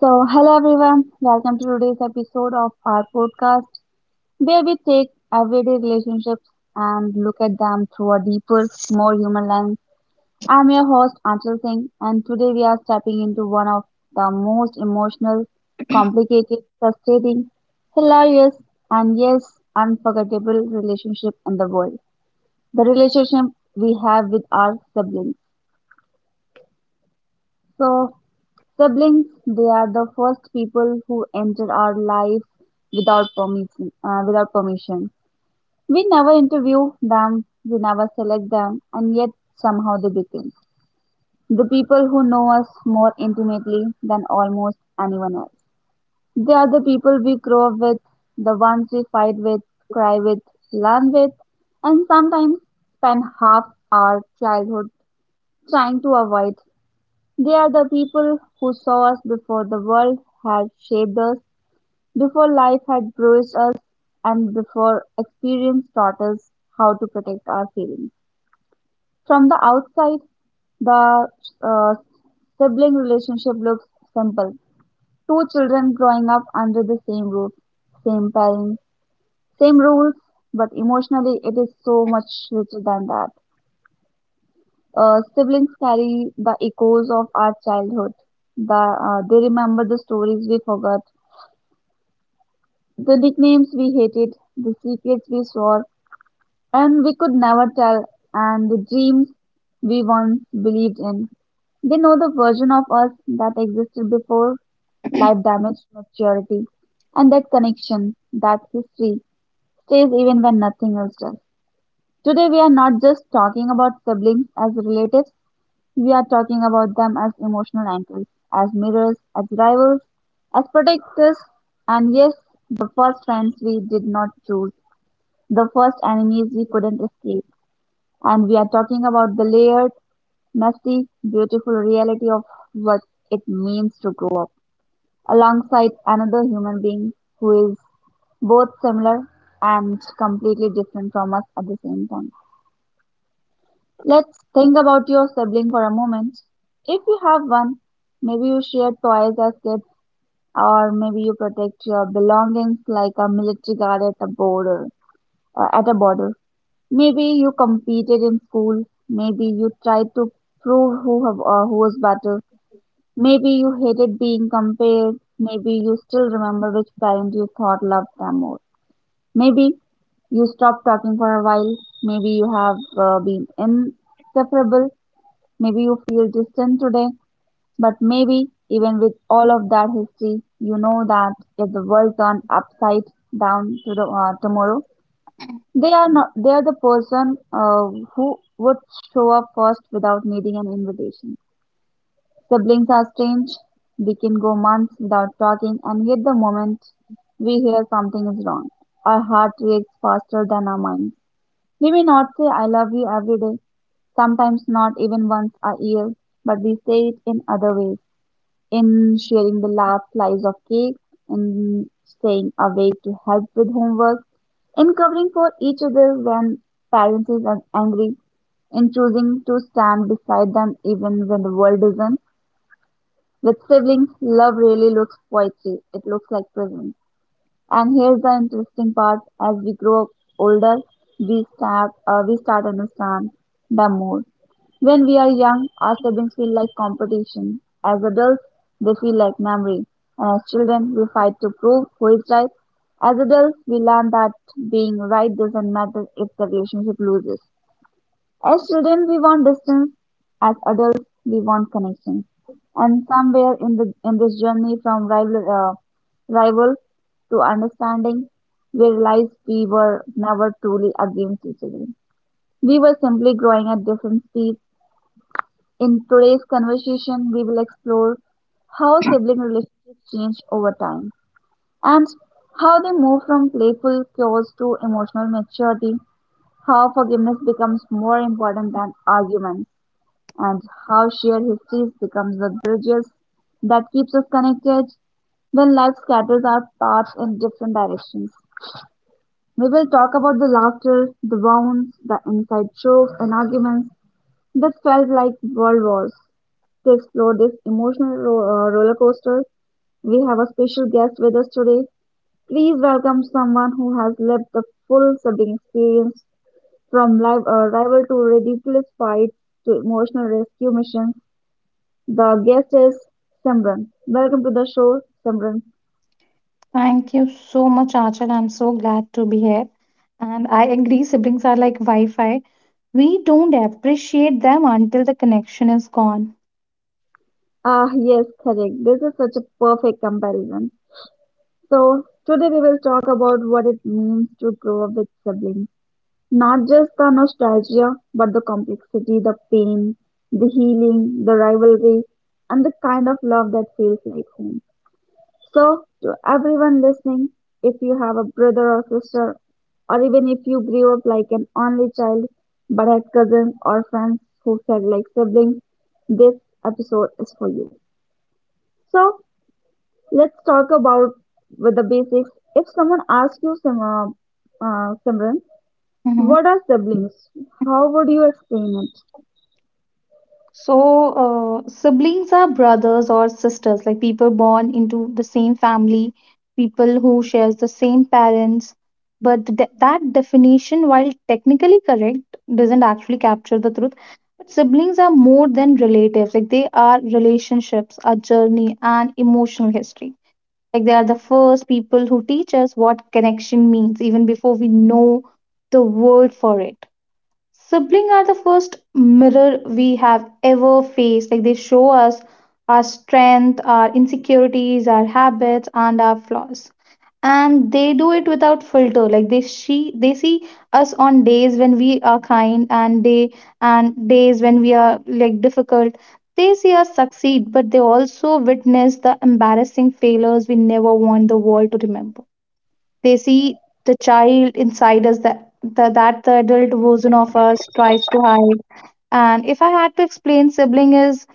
So, hello everyone, welcome to today's episode of our podcast where we take everyday relationships and look at them through a deeper, more human lens. I'm your host Anshul Singh, and today we are stepping into one of the most emotional, complicated, frustrating, hilarious, and yes, unforgettable relationship in the world, the relationship we have with our siblings. So, siblings, they are the first people who enter our life without permission. Without permission, we never interview them, we never select them, and yet somehow they become the people who know us more intimately than almost anyone else. They are the people we grow up with, the ones we fight with, cry with, learn with, and sometimes spend half our childhood trying to avoid. They are the people who saw us before the world had shaped us, before life had bruised us, and before experience taught us how to protect our feelings. From the outside, the uh, sibling relationship looks simple. Two children growing up under the same roof, same parents, same rules, but emotionally it is so much richer than that. Siblings carry the echoes of our childhood. They remember the stories we forgot, the nicknames we hated, the secrets we swore, and we could never tell, and the dreams we once believed in. They know the version of us that existed before life damaged maturity, and that connection, that history, stays even when nothing else does. Today, we are not just talking about siblings as relatives, we are talking about them as emotional anchors, as mirrors, as rivals, as protectors, and yes, the first friends we did not choose, the first enemies we couldn't escape. And we are talking about the layered, messy, beautiful reality of what it means to grow up alongside another human being who is both similar and completely different from us at the same time. Let's think about your sibling for a moment. If you have one, maybe you share toys as kids, or maybe you protect your belongings like a military guard at a border. Uh, at a border, Maybe you competed in school. Maybe you tried to prove who was better. Maybe you hated being compared. Maybe you still remember which parent you thought loved them more. Maybe you stopped talking for a while. Maybe you have been inseparable. Maybe you feel distant today, but maybe even with all of that history, you know that if the world turned upside down tomorrow, they are not they are the person who would show up first without needing an invitation. Siblings are strange. We can go months without talking, and yet the moment we hear something is wrong, our heart reacts faster than our minds. We may not say "I love you" every day, sometimes not even once a year, but we say it in other ways, in sharing the last slice of cake, in staying awake to help with homework, in covering for each other when parents are angry, in choosing to stand beside them even when the world isn't. With siblings, love really looks poetry. It looks like presence. And here's the interesting part: as we grow up older, we start understand them more. When we are young, our siblings feel like competition. As adults, they feel like memory. And as children, we fight to prove who is right. As adults, we learn that being right doesn't matter if the relationship loses. As children, we want distance. As adults, we want connection. And somewhere in this journey from rival to understanding, we realized we were never truly against each other. We were simply growing at different speeds. In today's conversation, we will explore how sibling relationships change over time, and how they move from playful chaos to emotional maturity, how forgiveness becomes more important than arguments, and how shared histories becomes the bridges that keeps us connected when life scatters our paths in different directions. We will talk about the laughter, the wounds, the inside jokes and arguments, that felt like World Wars. To explore this emotional roller coaster, we have a special guest with us today. Please welcome someone who has lived the full sibling experience from rival to ridiculous fights to emotional rescue missions. The guest is Simran. Welcome to the show, Simran. Thank you so much, Achal. I'm so glad to be here. And I agree, siblings are like Wi Fi. We don't appreciate them until the connection is gone. Ah, yes, correct. This is such a perfect comparison. So, today we will talk about what it means to grow up with siblings, not just the nostalgia, but the complexity, the pain, the healing, the rivalry, and the kind of love that feels like home. So, to everyone listening, if you have a brother or sister, or even if you grew up like an only child but had cousins or friends who felt like siblings, this episode is for you. So, let's talk about with the basics. If someone asks you, Simran, Mhm. what are siblings? How would you explain it? So, Siblings are brothers or sisters, like people born into the same family, people who shares the same parents. But that definition, while technically correct, doesn't actually capture the truth. But siblings are more than relatives, like they are relationships, a journey, and emotional history. Like they are the first people who teach us what connection means even before we know the word for it. Siblings are the first mirror we have ever faced. Like they show us our strength, our insecurities, our habits, and our flaws, and they do it without filter, like they see us on days when we are kind, and days when we are like difficult. They see us succeed, but they also witness the embarrassing failures we never want the world to remember. They see the child inside us that, that the adult version of us tries to hide. And if I had to explain sibling is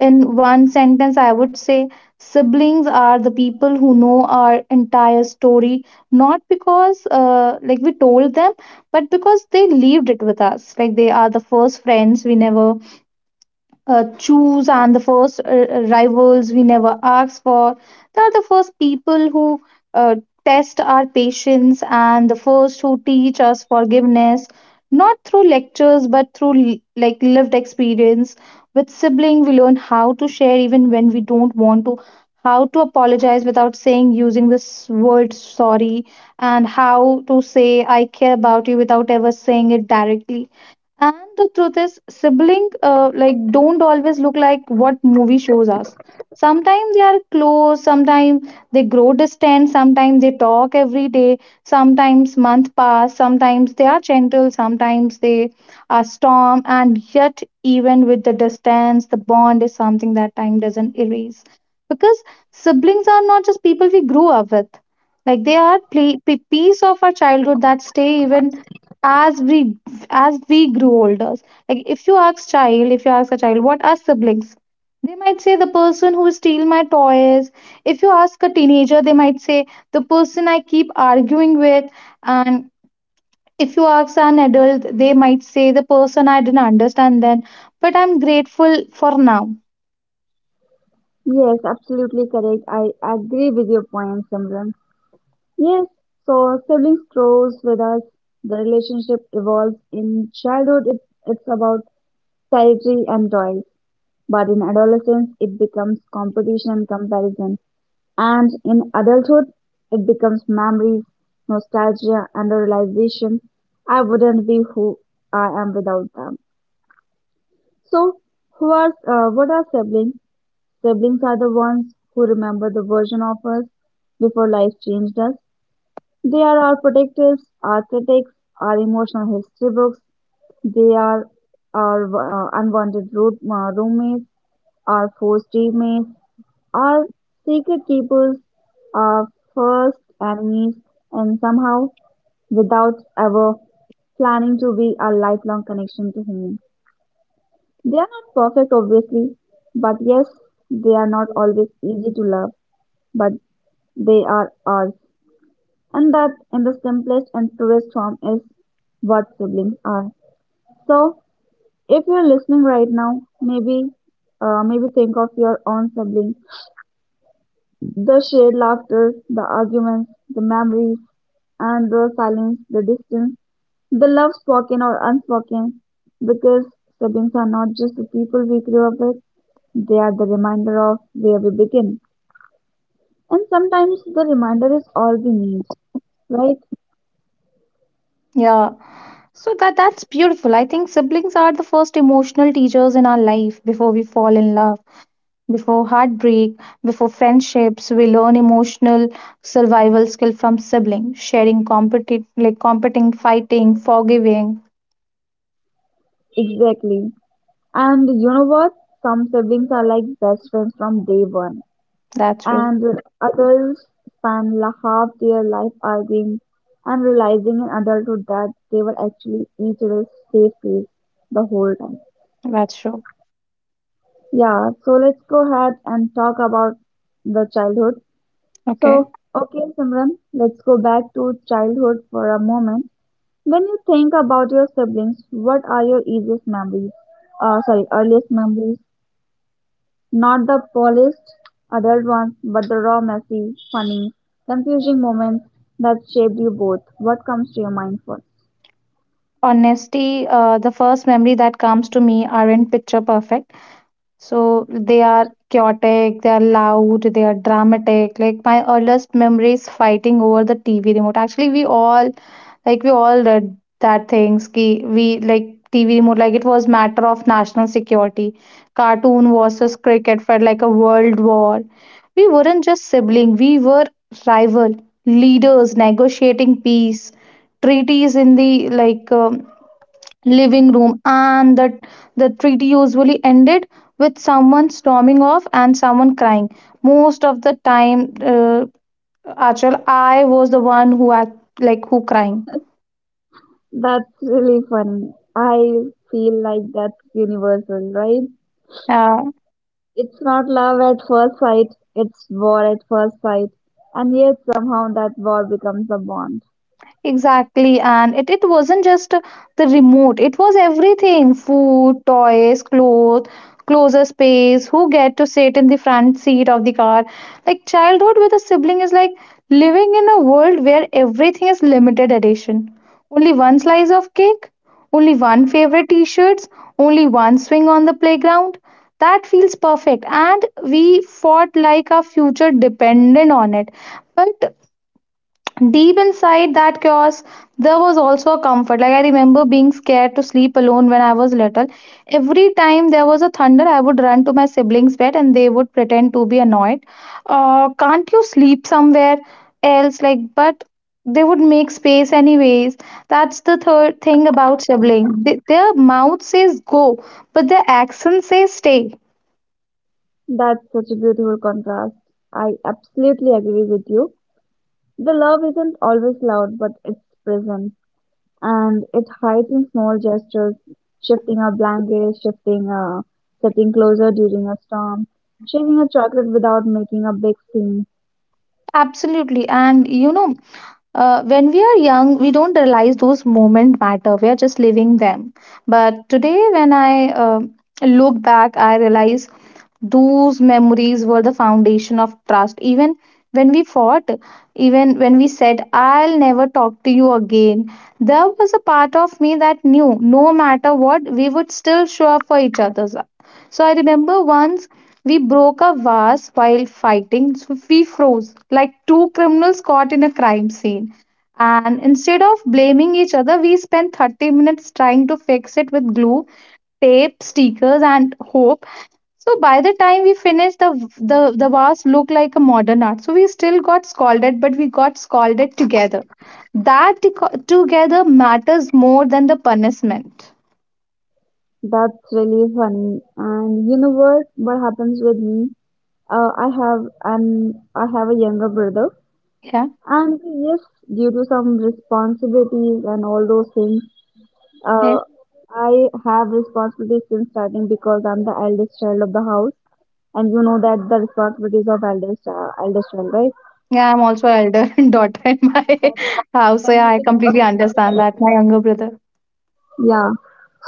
in one sentence, I would say siblings are the people who know our entire story, not because like we told them, but because they lived it with us. Like they are the first friends we never choose, and the first rivals we never ask for. They are the first people who uh, test our patience, and the first who teach us forgiveness, not through lectures but through like lived experience. With sibling, we learn how to share even when we don't want to, how to apologize without saying using this word sorry, and how to say I care about you without ever saying it directly. And the truth is, sibling like don't always look like what movie shows us. Sometimes they are close, sometimes they grow distant, sometimes they talk every day, sometimes month pass, sometimes they are gentle, sometimes they are storm, and yet even with the distance, the bond is something that time doesn't erase. Because siblings are not just people we grew up with. Like they are pla- pe piece of our childhood that stay even as we as we grow older. Like if you ask child, if you ask a child, what are siblings? They might say the person who steal my toys. If you ask a teenager, they might say the person I keep arguing with. And if you ask an adult, they might say the person I didn't understand then, but I'm grateful for now. Yes, absolutely correct. I agree with your point, Simran. Yes, so siblings grows with us. The relationship evolves. In childhood, it's about territory and toys, but in adolescence, it becomes competition and comparison. And in adulthood, it becomes memories, nostalgia, and a realization I wouldn't be who I am without them. So, who are what are siblings? Siblings are the ones who remember the version of us before life changed us. They are our protectors, our critics, our emotional history books. They are our unwanted roommates, our forced teammates, our secret keepers, our first enemies, and somehow, without ever planning to be, our lifelong connection to him. They are not perfect, obviously, but yes, they are not always easy to love, but they are ours. And that, in the simplest and truest form, is what siblings are. So, if you're listening right now, maybe think of your own sibling, the shared laughter, the arguments, the memories, and the silence, the distance, the love spoken or unspoken, because siblings are not just the people we grew up with, they are the reminder of where we begin. And sometimes the reminder is all we need, right? Yeah. So that's beautiful. I think siblings are the first emotional teachers in our life before we fall in love, before heartbreak, before friendships. We learn emotional survival skill from siblings, sharing, competing, like competing, fighting, forgiving. Exactly. And you know what? Some siblings are like best friends from day one. That's true. And others spend la half their life arguing and realizing in adulthood that they were actually each other's safe place the whole time. That's true. Yeah, so let's go ahead and talk about the childhood. Okay. So, okay, Simran, let's go back to childhood for a moment. When you think about your siblings, what are your easiest memories? Sorry, earliest memories. Not the polished adult ones, but the raw, messy, funny, confusing moments that shaped you both. What comes to your mind first? Honesty, the first memory that comes to me aren't picture perfect. So they are chaotic, they are loud, they are dramatic. Like my earliest memories fighting over the TV remote. Actually, we all like we all read that things ki we like TV remote like it was matter of national security. Cartoon versus cricket felt like a world war. We weren't just sibling, we were rival leaders negotiating peace, treaties in the like living room, and the treaty usually ended with someone storming off and someone crying most of the time. Achal, I was the one who act like who crying. That's really funny. I feel like that's universal, right? Uh, It's not love at first sight, it's war at first sight. And yet somehow that war becomes a bond. Exactly, and it wasn't just the remote, it was everything: food, toys, clothes, closer space, who get to sit in the front seat of the car. Like, childhood with a sibling is like living in a world where everything is limited edition. Only one slice of cake, only one favorite t shirts, only one swing on the playground. That feels perfect, and we fought like our future depended on it. But deep inside that chaos there was also a comfort. Like I remember being scared to sleep alone when I was little. Every time there was a thunder I would run to my siblings bed, and they would pretend to be annoyed. Can't you sleep somewhere else? Like, but they would make space anyways. That's the third thing about siblings: their mouth says go, but their accent says stay. That's such a beautiful contrast. I absolutely agree with you. The love isn't always loud, but it's present. And it hides in small gestures, shifting a blanket, shifting a sitting closer during a storm, sharing a chocolate without making a big scene. Absolutely. And you know, when we are young, we don't realize those moments matter. We are just living them. But today, when I look back, I realize those memories were the foundation of trust. Even when we fought, even when we said, I'll never talk to you again, there was a part of me that knew no matter what, we would still show up for each other. So I remember once we broke a vase while fighting, so we froze like two criminals caught in a crime scene. And instead of blaming each other, we spent 30 minutes trying to fix it with glue, tape, stickers, and hope. So by the time we finished, the vase looked like a modern art. So we still got scolded, but we got scolded together. That together matters more than the punishment. That's really funny. And you know what? What happens with me? I have a younger brother, Yeah. and yes, due to some responsibilities and all those things, Yes. uh, I have responsibilities since starting because I'm the eldest child of the house, and you know that the responsibilities of eldest child, right? Yeah, I'm also elder daughter in my That, house, so then yeah, you I can completely absolutely understand connect that. My it. younger brother. Yeah.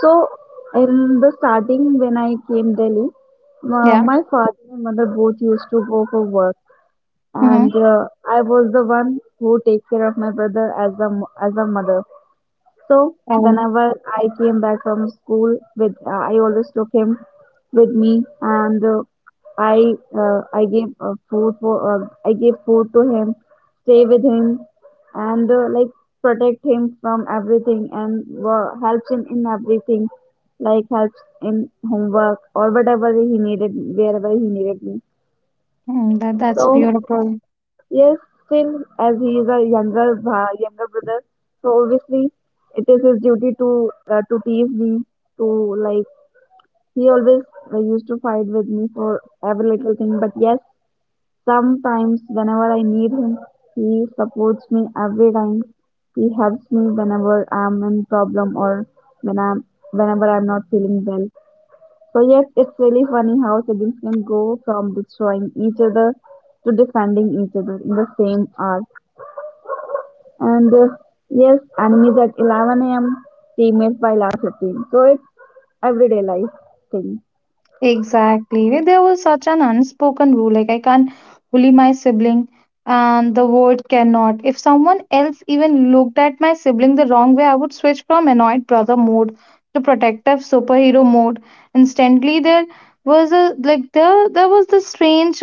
So in the starting when I came Delhi, Yeah. my father and mother both used to go for work, Mm-hmm. and I was the one who take care of my brother as a mother. So Oh, whenever I came back from school, with I always took him with me, and I gave food for I gave food to him, stay with him, and protect him from everything, and helps him in everything, like helps in homework or whatever he needed, wherever he needed me. mm, that's So beautiful. yes, still, as he is a younger brother, so obviously it is his duty to tease me. To like, he always used to fight with me for every little thing. But yes, sometimes whenever I need him, he supports me every time. He helps me whenever I'm in problem, or when I'm whenever I'm not feeling well. So yes, it's really funny how siblings can go from destroying each other to defending each other in the same hour. And yes, enemies at 11 a.m., teammates by last 15. So it's everyday life thing. Exactly. Like, there was such an unspoken rule. Like, I can't bully my sibling, and the word cannot. If someone else even looked at my sibling the wrong way, I would switch from annoyed brother mode to protective superhero mode. Instantly, there was a like there was this strange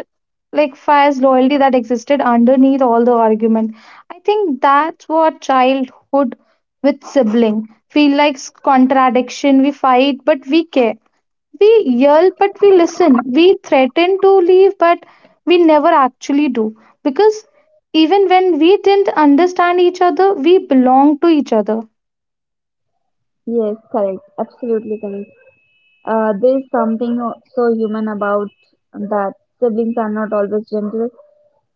like fierce loyalty that existed underneath all the argument. I think that's what childhood with sibling feel like contradiction. We fight, but we care. We yell, but we listen. We threaten to leave, but we never actually do. Because even when we didn't understand each other, we belong to each other. Yes, correct. Absolutely correct. There is something so human about that. Siblings are not always gentle.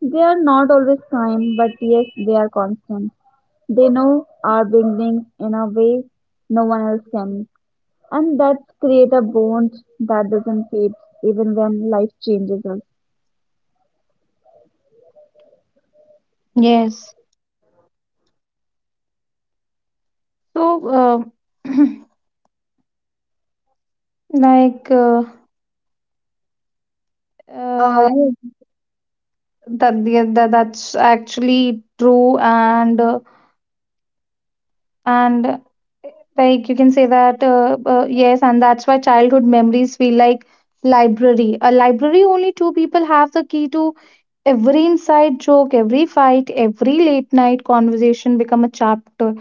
They are not always kind, but yes, they are constant. They know our beginnings in a way no one else can. And that create a bond that doesn't fade even when life changes us. Yes. So, uh, like, uh, uh, Uh, yes. that, yeah, that's actually true. And like you can say that, yes, and that's why childhood memories feel like library. A library only two people have the key to every inside joke, every fight, every late night conversation become a chapter.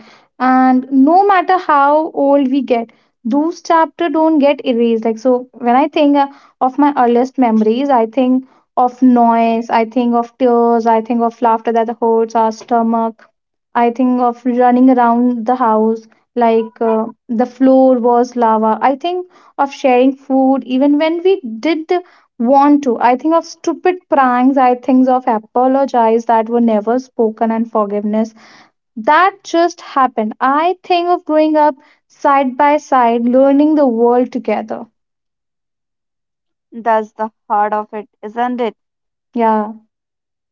And no matter how old we get, those chapter don't get erased. Like so, when I think of my earliest memories, I think of noise, I think of tears, I think of laughter that hurts our stomach. I think of running around the house like the floor was lava. I think of sharing food even when we did want to. I think of stupid pranks. I think of apologies that were never spoken and forgiveness that just happened. I think of growing up side by side, learning the world together. That's the heart of it, isn't it? Yeah,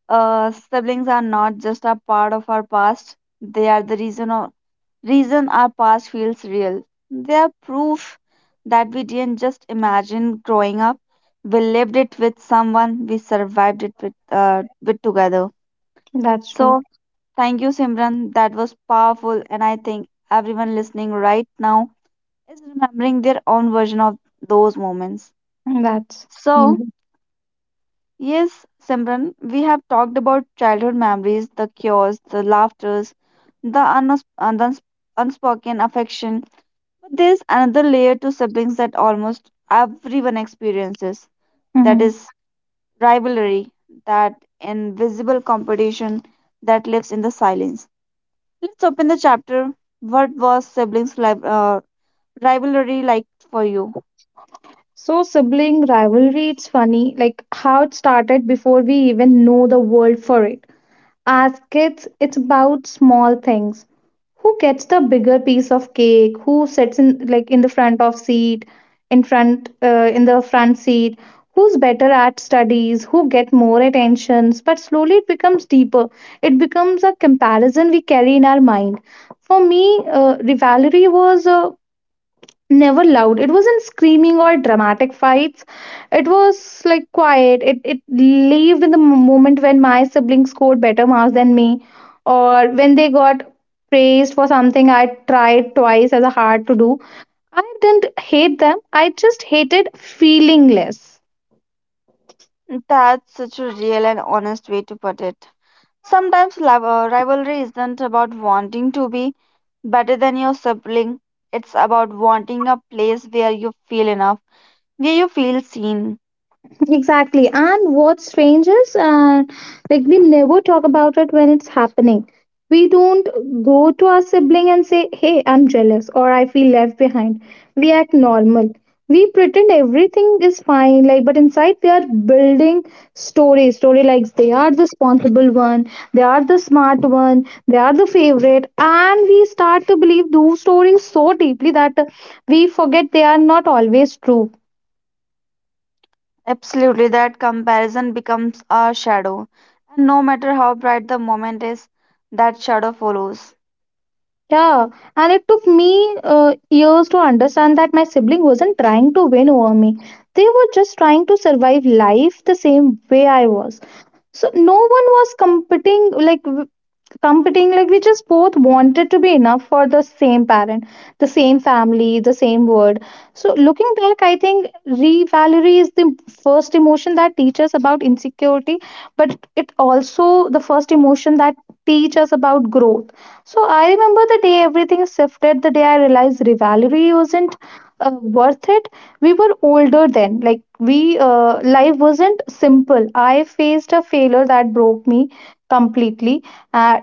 Siblings are not just a part of our past, they are reason our past feels real. They are proof that we didn't just imagine growing up. We lived it with someone, we survived it with together. that's true. So, thank you, Simran. That was powerful, and I think everyone listening right now is remembering their own version of those moments. That's So, mm-hmm. yes, Simran, we have talked about childhood memories, the cures, the laughters, the unspoken affection. But there's another layer to siblings that almost everyone experiences. That is rivalry, that invisible competition that lives in the silence. Let's open the chapter. What was rivalry like for you? So, sibling rivalry, it's funny like how it started before we even know the world for it. As kids, it's about small things. Who gets the bigger piece of cake? Who sits in like in the front of seat, in front in the front seat? Who's better at studies? Who get more attentions? But slowly it becomes deeper. It becomes a comparison we carry in our mind. For me, rivalry was never loud. It wasn't screaming or dramatic fights. It was like quiet. It lived in the moment when my siblings scored better marks than me, or when they got praised for something I tried twice as hard to do. I didn't hate them, I just hated feeling less. That's such a real and honest way to put it. Sometimes rivalry isn't about wanting to be better than your sibling, it's about wanting a place where you feel enough, where you feel seen. Exactly. And what's strange is, like, we never talk about it when it's happening. We don't go to our sibling and say, Hey, I'm jealous, or I feel left behind. We act normal. We pretend everything is fine, like, but inside we are building stories. Story like they are the responsible one, they are the smart one, they are the favorite, and we start to believe those stories so deeply that we forget they are not always true. Absolutely, that comparison becomes a shadow. And no matter how bright the moment is, that shadow follows. Yeah, and it took me years to understand that my sibling wasn't trying to win over me. They were just trying to survive life the same way I was. So no one was competing, like competing, like we just both wanted to be enough for the same parent, the same family, the same word. So looking back I think revalry is the first emotion that teaches us about insecurity, but it also the first emotion that teach us about growth. So I remember the day everything shifted, the day I realized revalry wasn't uh, worth it. We were older then. Like we life wasn't simple. I faced a failure that broke me completely. uh,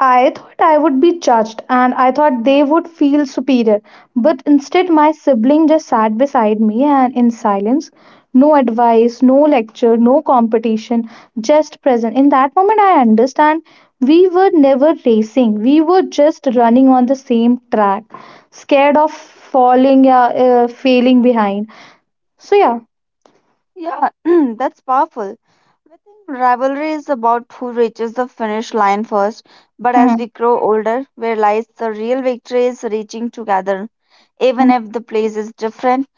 I thought I would be judged, and I thought they would feel superior. But instead, my sibling just sat beside me and in silence, no advice, no lecture, no competition, just present. In that moment, I understand we were never racing, we were just running on the same track, scared of falling, failing behind. So, yeah. Yeah, that's powerful. I think rivalry is about who reaches the finish line first, but as Mhm. we grow older, we realize the real victory is reaching together, even Mhm. if the place is different.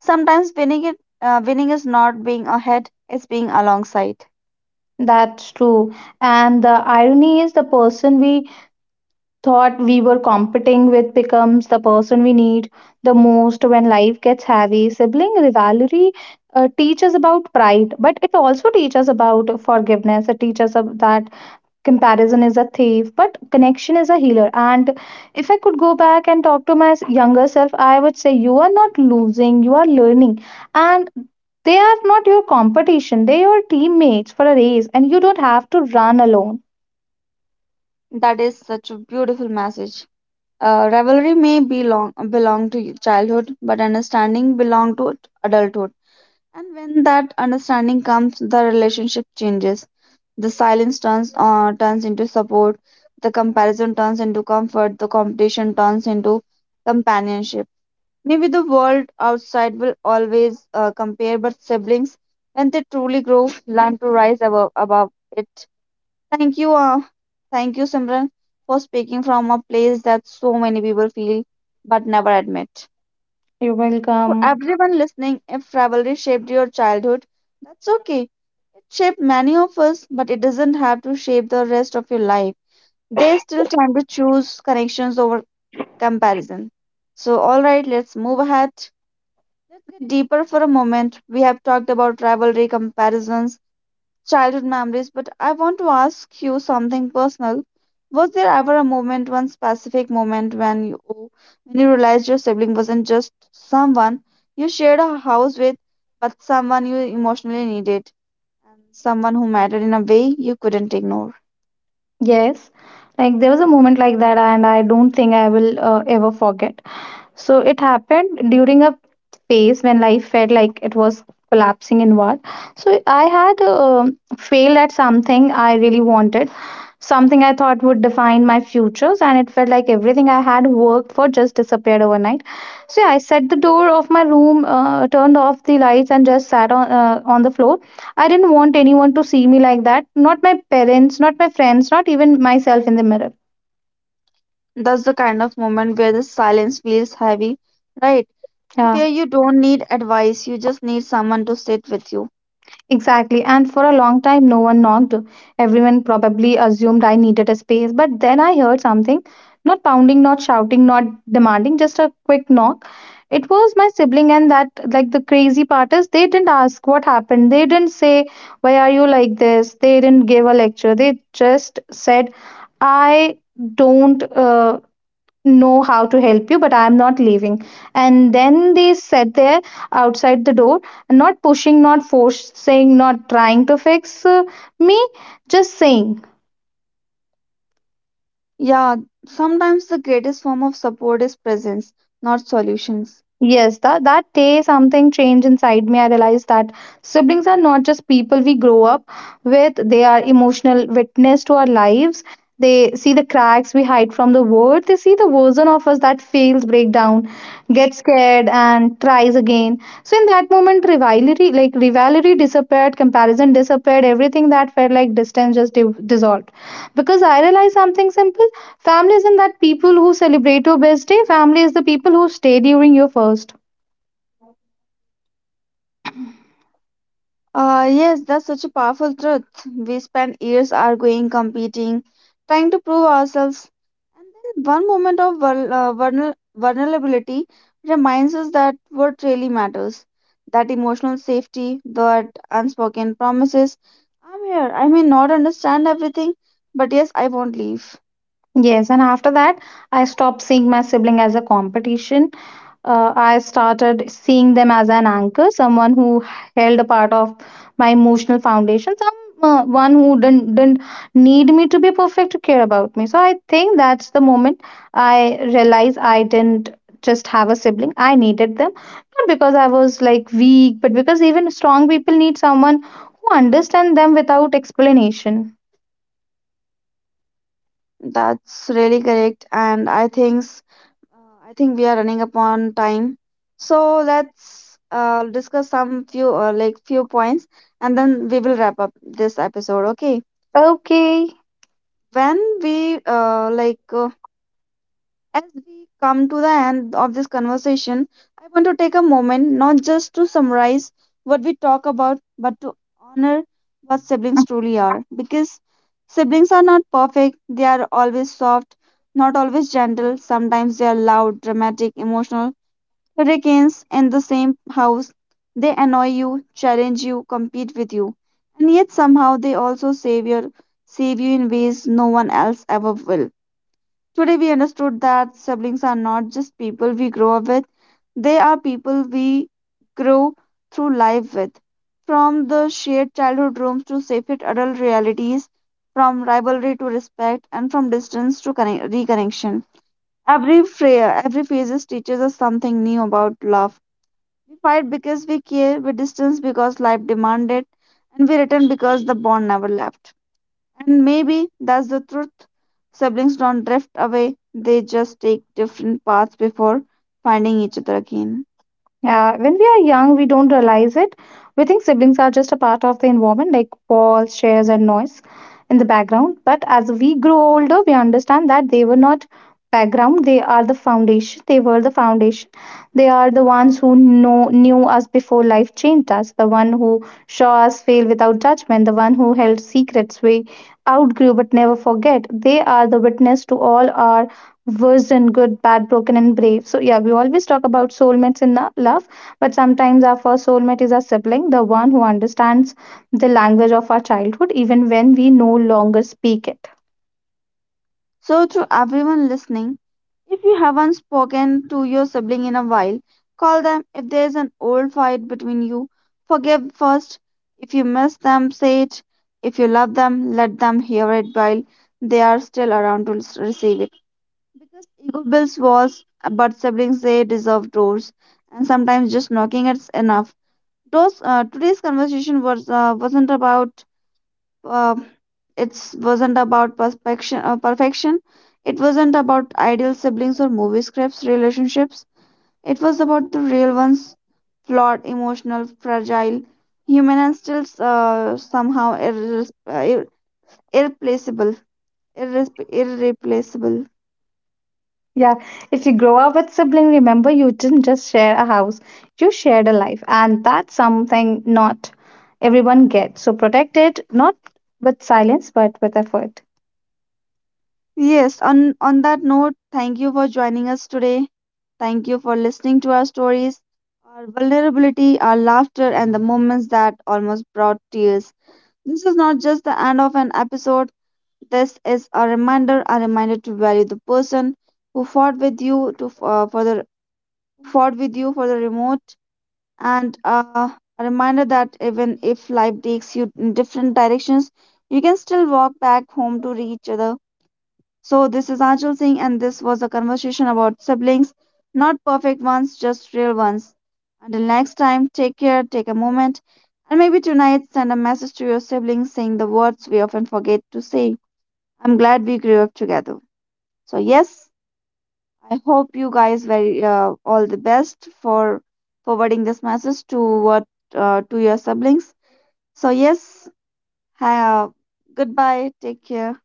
Sometimes winning is not being ahead; it's being alongside. That's true. And the irony is, the person we thought we were competing with becomes the person we need the most when life gets heavy. Sibling rivalry teaches about pride, but it also teaches about forgiveness. It teaches of that comparison is a thief, but connection is a healer. And if I could go back and talk to my younger self, I would say, you are not losing, you are learning. And they are not your competition, they are your teammates for a race, and you don't have to run alone. That is such a beautiful message. Rivalry may belong to childhood, but understanding belong to adulthood. And when that understanding comes, the relationship changes. The silence turns into support. The comparison turns into comfort. The competition turns into companionship. Maybe the world outside will always compare, but siblings, when they truly grow, learn to rise above it. Thank you, uh, Thank you, Simran, for speaking from a place that so many people feel but never admit. You're For welcome. everyone listening, if rivalry shaped your childhood, that's okay. It shaped many of us, but it doesn't have to shape the rest of your life. There's still time to choose connections over comparison. So, all right, let's move ahead. Let's get deeper for a moment. We have talked about rivalry, comparisons, childhood memories, but I want to ask you something personal. Was there ever a moment, one specific moment, when you realized your sibling wasn't just someone you shared a house with, but someone you emotionally needed, and someone who mattered in a way you couldn't ignore? Yes, like there was a moment like that, and I don't think I will ever forget. So it happened during a phase when life felt like it was collapsing inward. So I had failed at something I really wanted, something I thought would define my futures, and it felt like everything I had worked for just disappeared overnight. So yeah, I set the door of my room, turned off the lights, and just sat on the floor. I didn't want anyone to see me like that. Not my parents, not my friends, not even myself in the mirror. That's the kind of moment where the silence feels heavy, right? And Yeah, where you don't need advice, you just need someone to sit with you. exactly. And for a long time, no one knocked. Everyone probably assumed I needed a space, but then I heard something. Not pounding, not shouting, not demanding, just a quick knock. It was my sibling, and that like the crazy part is they didn't ask what happened. They didn't say, why are you like this? They didn't give a lecture. They just said, I don't know how to help you, but I'm not leaving. And then they sat there outside the door, not pushing, not forcing, not trying to fix me, just saying. Yeah, sometimes the greatest form of support is presence, not solutions. Yes, that day something changed inside me. I realized that siblings are not just people we grow up with, they are emotional witness to our lives. They see the cracks we hide from the world. They see the version of us that fails, break down, gets scared, and tries again. So in that moment, rivalry, like rivalry disappeared, comparison disappeared, everything that felt like distance just dissolved. Because I realized something simple. Family isn't that people who celebrate your best day. Family is the people who stay during your first. Yes, that's such a powerful truth. We spend years arguing, competing, trying to prove ourselves. And then one moment of vulnerability reminds us that what really matters, that emotional safety, that unspoken promises. I'm here. I may not understand everything, but yes, I won't leave. Yes, and after that, I stopped seeing my sibling as a competition. I started seeing them as an anchor, someone who held a part of my emotional foundation, someone who didn't need me to be perfect to care about me. So I think that's the moment I realized I didn't just have a sibling, I needed them. Not because I was like weak, but because even strong people need someone who understands them without explanation. That's really correct, and I think we are running upon time. So let's discuss some few like few points, and then we will wrap up this episode. Okay. Okay. When we like As we come to the end of this conversation, I want to take a moment not just to summarize what we talk about, but to honor what siblings truly are. Because siblings are not perfect, they are always soft, not always gentle. Sometimes they are loud, dramatic, emotional. Hurricanes in the same house, they annoy you, challenge you, compete with you. And yet somehow they also save you in ways no one else ever will. Today, we understood that siblings are not just people we grow up with, they are people we grow through life with. From the shared childhood rooms to separate adult realities, from rivalry to respect, and from distance to reconnection. Every phase teaches us something new about love. We fight because we care, we distance because life demanded, and we return because the bond never left. And maybe that's the truth. Siblings don't drift away, they just take different paths before finding each other again. Yeah, when we are young, we don't realize it. We think siblings are just a part of the environment, like walls, chairs, and noise in the background. But as we grow older, we understand that they were not background; they are the foundation. They were the foundation. They are the ones who know knew us before life changed us. The one who saw us fail without judgment. The one who held secrets we outgrew but never forget. They are the witness to all our worse than good, bad, broken, and brave. So, yeah, we always talk about soulmates in the love, but sometimes our first soulmate is our sibling, the one who understands the language of our childhood, even when we no longer speak it. So, to everyone listening, if you haven't spoken to your sibling in a while, call them. If there's an old fight between you, forgive first. If you miss them, say it. If you love them, let them hear it while they are still around to receive it. Because ego builds walls, but siblings they deserve doors. And sometimes just knocking it's enough. Those Today's conversation wasn't about uh, it wasn't about perfection. It wasn't about ideal siblings or movie scripts relationships, it was about the real ones, flawed, emotional, fragile, human, and still somehow irreplaceable irreplaceable. Yeah, if you grow up with sibling, remember you didn't just share a house, you shared a life, and that's something not everyone gets. So, protect it, not with silence, but with effort. Yes, on that note, thank you for joining us today. Thank you for listening to our stories, our vulnerability, our laughter, and the moments that almost brought tears. This is not just the end of an episode, this is a reminder to value the person who fought with you for the remote, and a reminder that even if life takes you in different directions, you can still walk back home to reach other. So, this is Anshul Singh, and this was a conversation about siblings, not perfect ones, just real ones. Until next time, take care, take a moment, and maybe tonight send a message to your siblings saying the words we often forget to say. I'm glad we grew up together. So, yes, I hope you guys very all the best for forwarding this message to what to your siblings. So, yes, ha- goodbye, take care.